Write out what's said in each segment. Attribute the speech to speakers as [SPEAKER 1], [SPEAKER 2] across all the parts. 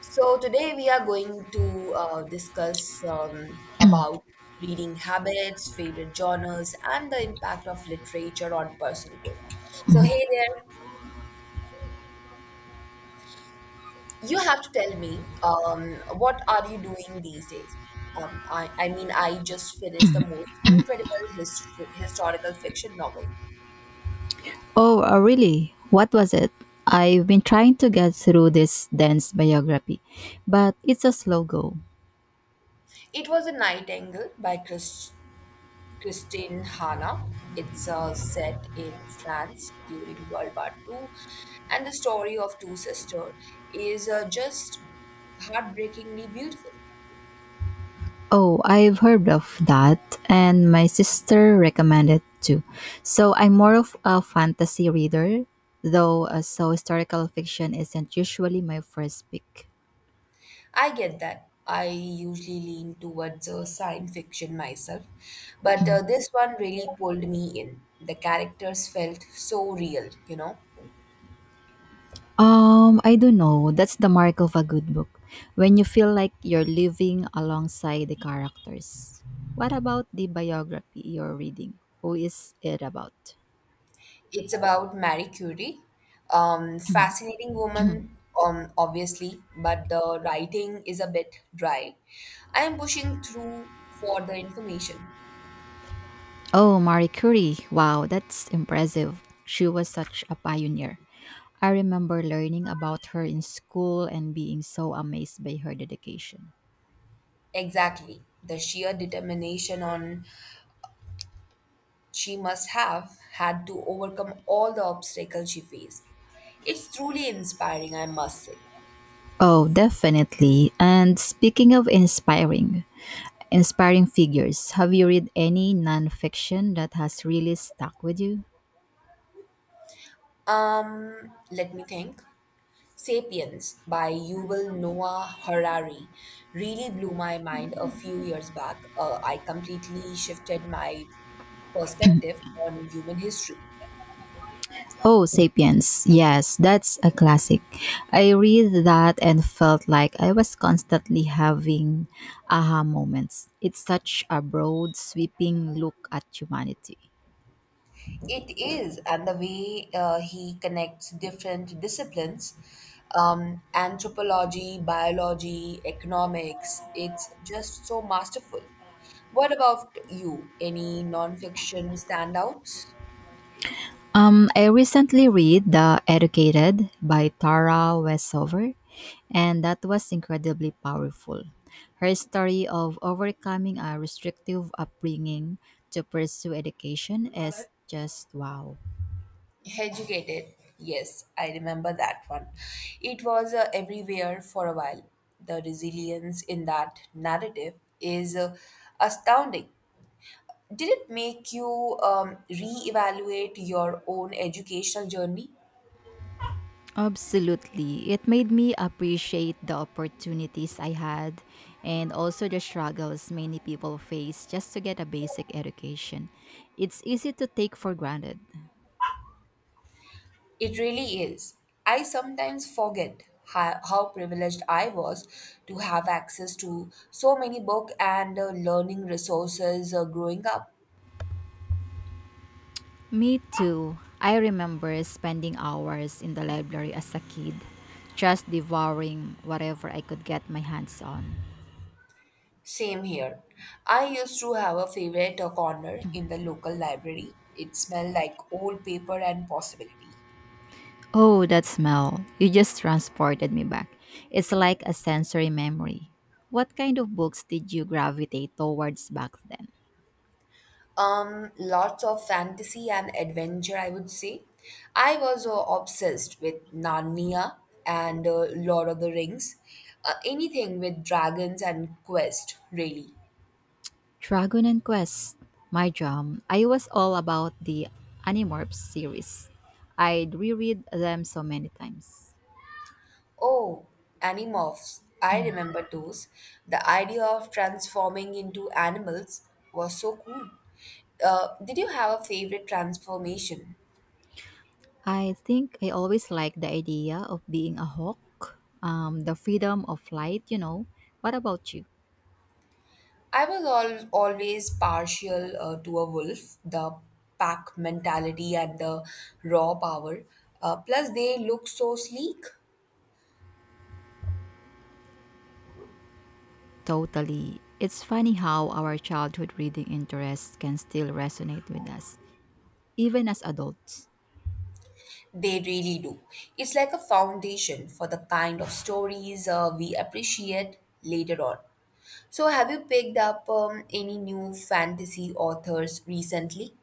[SPEAKER 1] So today we are going to discuss about reading habits, favorite genres, and the impact of literature on personal growth. So hey there, you have to tell me what are you doing these days? I mean, I just finished the most incredible historical fiction novel.
[SPEAKER 2] Oh, really? What was it? I've been trying to get through this dense biography, but it's a slow go.
[SPEAKER 1] It was a Nightingale by Christine Hanna. It's set in France during World War II, and the story of two sisters is just heartbreakingly beautiful.
[SPEAKER 2] Oh, I've heard of that, and my sister recommended too. So I'm more of a fantasy reader, though, so historical fiction isn't usually my first pick.
[SPEAKER 1] I get that. I usually lean towards science fiction myself, but this one really pulled me in. The characters felt so real.
[SPEAKER 2] I don't know. That's the mark of a good book. When you feel like you're living alongside the characters. What about the biography you're reading? Who is it about?
[SPEAKER 1] It's about Marie Curie. Fascinating woman, obviously, but the writing is a bit dry. I am pushing through for the information.
[SPEAKER 2] Oh, Marie Curie. Wow, that's impressive. She was such a pioneer. I remember learning about her in school and being so amazed by her dedication.
[SPEAKER 1] Exactly. The sheer determination on she must have had to overcome all the obstacles she faced. It's truly inspiring, I must say.
[SPEAKER 2] Oh, definitely. And speaking of inspiring, inspiring figures. Have you read any nonfiction that has really stuck with you?
[SPEAKER 1] Let me think. Sapiens by Yuval Noah Harari really blew my mind a few years back. I completely shifted my perspective on human history.
[SPEAKER 2] Oh, Sapiens. Yes, that's a classic. I read that and felt like I was constantly having aha moments. It's such a broad, sweeping look at humanity.
[SPEAKER 1] It is, and the way he connects different disciplines, anthropology, biology, economics. It's just so masterful. What about you? Any non fiction standouts?
[SPEAKER 2] I recently read The Educated by Tara Westover. And that was incredibly powerful. Her story of overcoming a restrictive upbringing to pursue education is just wow.
[SPEAKER 1] Educated. Yes, I remember that one. It was everywhere for a while. The resilience in that narrative is astounding. Did it make you reevaluate your own educational journey?
[SPEAKER 2] Absolutely. It made me appreciate the opportunities I had and also the struggles many people face just to get a basic education. It's easy to take for granted.
[SPEAKER 1] It really is. I sometimes forget how privileged I was to have access to so many book and learning resources growing up.
[SPEAKER 2] Me too. I remember spending hours in the library as a kid, just devouring whatever I could get my hands on.
[SPEAKER 1] Same here. I used to have a favorite corner in the local library. It smelled like old paper and possibility.
[SPEAKER 2] Oh, that smell. You just transported me back. It's like a sensory memory. What kind of books did you gravitate towards back then?
[SPEAKER 1] Lots of fantasy and adventure, I would say. I was obsessed with Narnia and Lord of the Rings. Anything with dragons and quest, really.
[SPEAKER 2] Dragon and Quest. My jam. I was all about the Animorphs series. I'd reread them so many times.
[SPEAKER 1] Oh, Animorphs. I remember those. The idea of transforming into animals was so cool. Did you have a favorite transformation?
[SPEAKER 2] I think I always liked the idea of being a hawk, the freedom of flight. What about you?
[SPEAKER 1] I was al always partial to a wolf, the pack mentality and the raw power. Plus, they look so sleek.
[SPEAKER 2] Totally. It's funny how our childhood reading interests can still resonate with us even as adults.
[SPEAKER 1] They really do. It's like a foundation for the kind of stories we appreciate later on. So, have you picked up any new fantasy authors recently?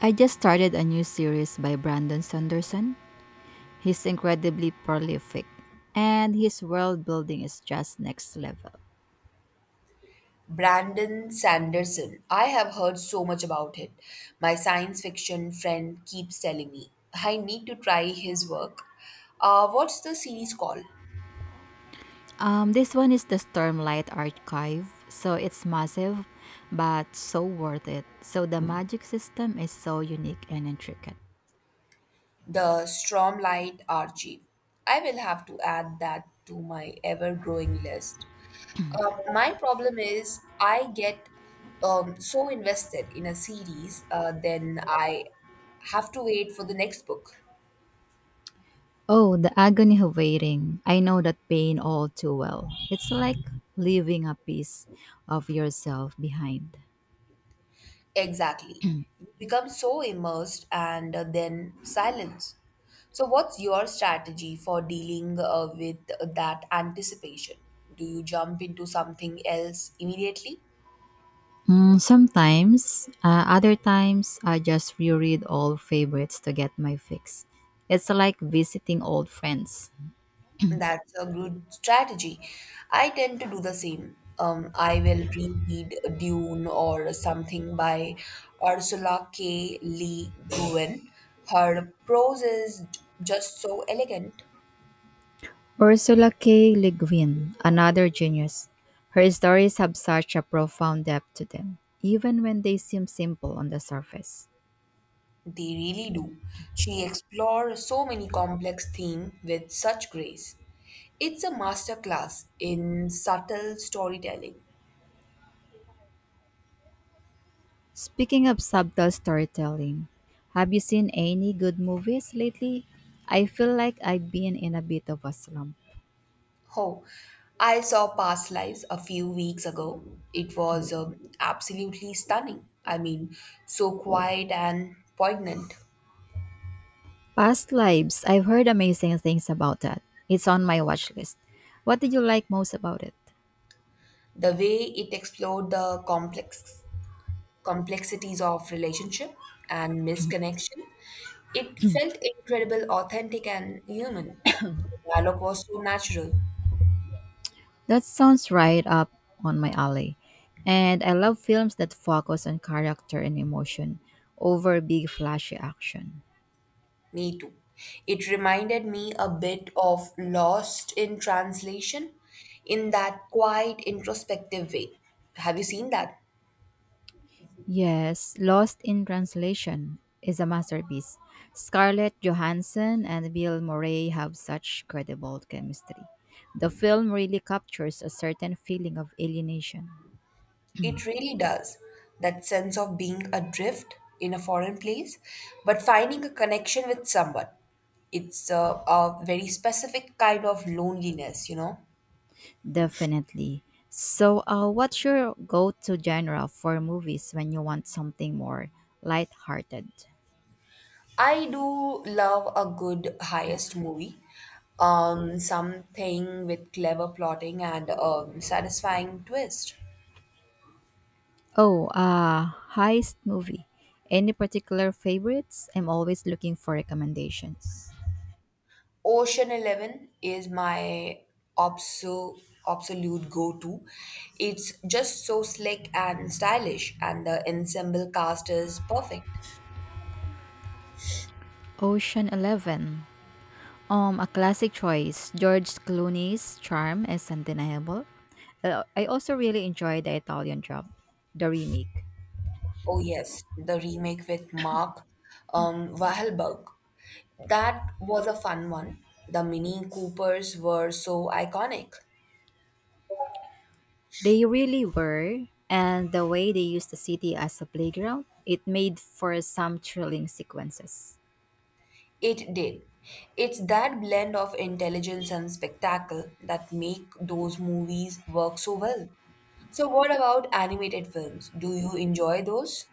[SPEAKER 2] I just started a new series by Brandon Sanderson. He's incredibly prolific, and his world building is just next level.
[SPEAKER 1] Brandon Sanderson. I have heard so much about it. My science fiction friend keeps telling me I need to try his work. What's the series called?
[SPEAKER 2] This one is the Stormlight Archive, so it's massive, but so worth it. So the magic system is so unique and intricate.
[SPEAKER 1] The Stormlight Archive. I will have to add that to my ever growing list. My problem is I get so invested in a series, then I have to wait for the next book.
[SPEAKER 2] Oh, the agony of waiting. I know that pain all too well. It's like leaving a piece of yourself behind.
[SPEAKER 1] Exactly. You become so immersed and then silence. So, what's your strategy for dealing with that anticipation? Do you jump into something else immediately?
[SPEAKER 2] Mm, sometimes, other times, I just reread old favorites to get my fix. It's like visiting old friends.
[SPEAKER 1] That's a good strategy. I tend to do the same. I will reread Dune or something by Ursula K. Le Guin. Her prose is just so elegant.
[SPEAKER 2] Ursula K. Le Guin, another genius. Her stories have such a profound depth to them, even when they seem simple on the surface.
[SPEAKER 1] They really do. She explores so many complex themes with such grace. It's a masterclass in subtle storytelling.
[SPEAKER 2] Speaking of subtle storytelling, have you seen any good movies lately? I feel like I've been in a bit of a slump.
[SPEAKER 1] Oh, I saw Past Lives a few weeks ago. It was absolutely stunning. I mean, so quiet and poignant.
[SPEAKER 2] Past Lives. I've heard amazing things about that. It's on my watch list. What did you like most about it?
[SPEAKER 1] The way it explored the complexities of relationship and misconnection, it felt incredible, authentic, and human. The dialogue was so natural.
[SPEAKER 2] That sounds right up on my alley. And I love films that focus on character and emotion over big flashy action.
[SPEAKER 1] Me too. It reminded me a bit of Lost in Translation in that quiet, introspective way. Have you seen that?
[SPEAKER 2] Yes, Lost in Translation is a masterpiece. Scarlett Johansson and Bill Murray have such credible chemistry. The film really captures a certain feeling of alienation.
[SPEAKER 1] It really does. That sense of being adrift in a foreign place, but finding a connection with someone. It's a very specific kind of loneliness, you know?
[SPEAKER 2] Definitely. So, what's your go to genre for movies when you want something more lighthearted?
[SPEAKER 1] I do love a good highest movie. Something with clever plotting and a satisfying twist.
[SPEAKER 2] Oh, heist movie. Any particular favorites? I'm always looking for recommendations.
[SPEAKER 1] Ocean 11 is my obso- absolute go to. It's just so slick and stylish, and the ensemble cast is perfect.
[SPEAKER 2] Ocean 11. A classic choice. George Clooney's charm is undeniable. I also really enjoy the Italian job, the remake.
[SPEAKER 1] Oh, yes, the remake with Mark Wahlberg. That was a fun one. The Mini Coopers were so iconic.
[SPEAKER 2] They really were, and the way they used the city as a playground, it made for some thrilling sequences.
[SPEAKER 1] It did. It's that blend of intelligence and spectacle that make those movies work so well. So, what about animated films? Do you enjoy those?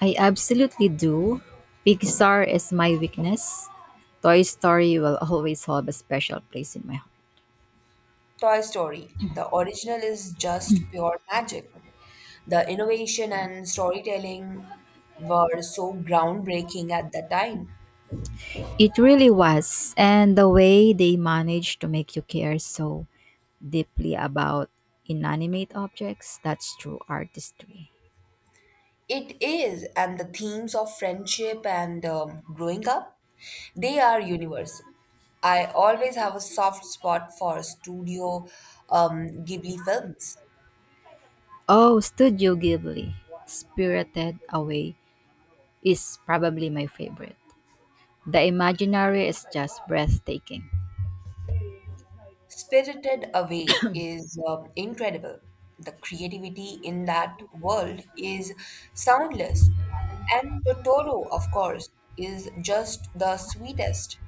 [SPEAKER 2] I absolutely do. Pixar is my weakness. Toy Story will always hold a special place in my heart.
[SPEAKER 1] Toy Story, the original is just pure magic. The innovation and storytelling were so groundbreaking at the time.
[SPEAKER 2] It really was, and the way they managed to make you care so deeply about inanimate objects, that's true artistry.
[SPEAKER 1] It is, and the themes of friendship and growing up, they are universal. I always have a soft spot for Studio Ghibli films.
[SPEAKER 2] Oh, Studio Ghibli, Spirited Away is probably my favorite. The imaginary is just breathtaking.
[SPEAKER 1] Spirited Away is incredible. The creativity in that world is soundless. And Totoro, of course, is just the sweetest.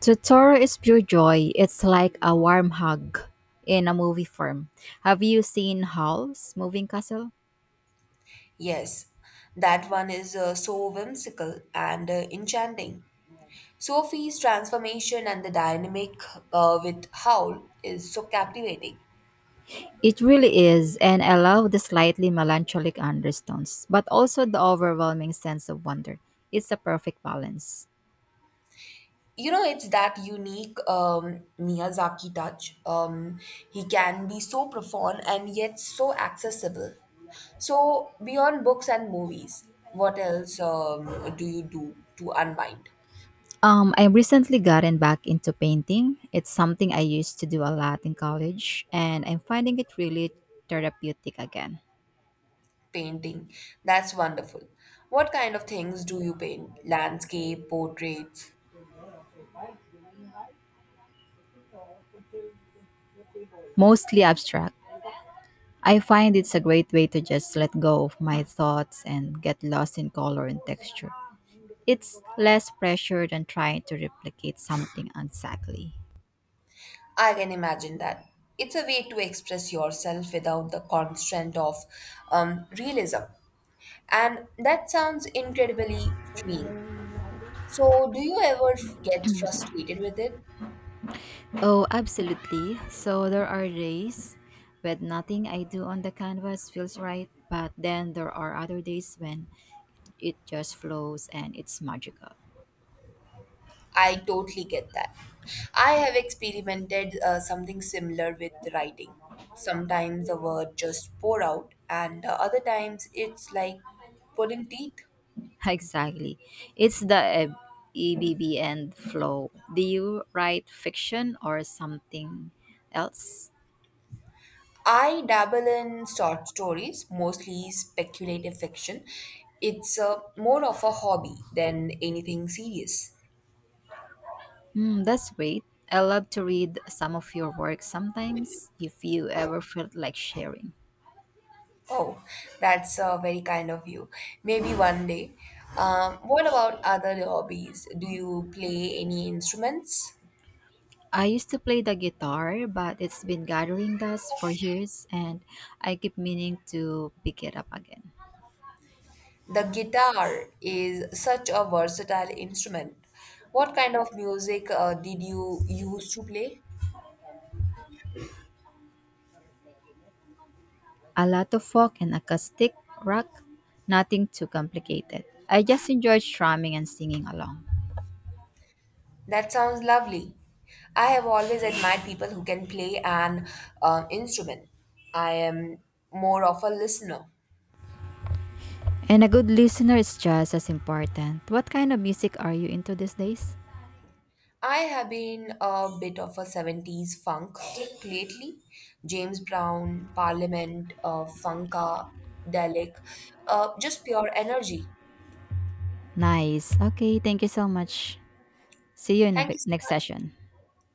[SPEAKER 2] Totoro is pure joy. It's like a warm hug in a movie form. Have you seen Howl's Moving Castle?
[SPEAKER 1] Yes, that one is so whimsical and enchanting. Sophie's transformation and the dynamic with Howl is so captivating.
[SPEAKER 2] It really is, and I love the slightly melancholic undertones, but also the overwhelming sense of wonder. It's a perfect balance.
[SPEAKER 1] It's that unique Miyazaki touch. He can be so profound and yet so accessible. So beyond books and movies, what else do you do to unwind?
[SPEAKER 2] I recently gotten back into painting. It's something I used to do a lot in college, and I'm finding it really therapeutic again.
[SPEAKER 1] Painting, that's wonderful. What kind of things do you paint? Landscape, portraits?
[SPEAKER 2] Mostly abstract, I find it's a great way to just let go of my thoughts and get lost in color and texture. It's less pressure than trying to replicate something exactly.
[SPEAKER 1] I can imagine that. It's a way to express yourself without the constraint of realism. And that sounds incredibly freeing. So, do you ever get frustrated with it?
[SPEAKER 2] Oh, absolutely. So there are days when nothing I do on the canvas feels right, but then there are other days when it just flows and it's magical.
[SPEAKER 1] I totally get that. I have experimented something similar with writing. Sometimes the word just pour out, and other times it's like pulling teeth.
[SPEAKER 2] Exactly. It's the ebb and flow. Do you write fiction or something else?
[SPEAKER 1] I dabble in short stories, mostly speculative fiction. It's more of a hobby than anything serious.
[SPEAKER 2] Mm, that's great. I love to read some of your work sometimes, if you ever felt like sharing.
[SPEAKER 1] Oh, that's very kind of you. Maybe one day. What about other hobbies? Do you play any instruments?
[SPEAKER 2] I used to play the guitar, but it's been gathering dust for years, and I keep meaning to pick it up again.
[SPEAKER 1] The guitar is such a versatile instrument. What kind of music did you use to play?
[SPEAKER 2] A lot of folk and acoustic rock, nothing too complicated. I just enjoy strumming and singing along.
[SPEAKER 1] That sounds lovely. I have always admired people who can play an instrument. I am more of a listener.
[SPEAKER 2] And a good listener is just as important. What kind of music are you into these days?
[SPEAKER 1] I have been a bit of a 70s funk kick lately. James Brown, Parliament, Funka, Delic, just pure energy.
[SPEAKER 2] Nice. Okay, thank you so much. See you in
[SPEAKER 1] Thank
[SPEAKER 2] the
[SPEAKER 1] you so
[SPEAKER 2] next
[SPEAKER 1] much.
[SPEAKER 2] session.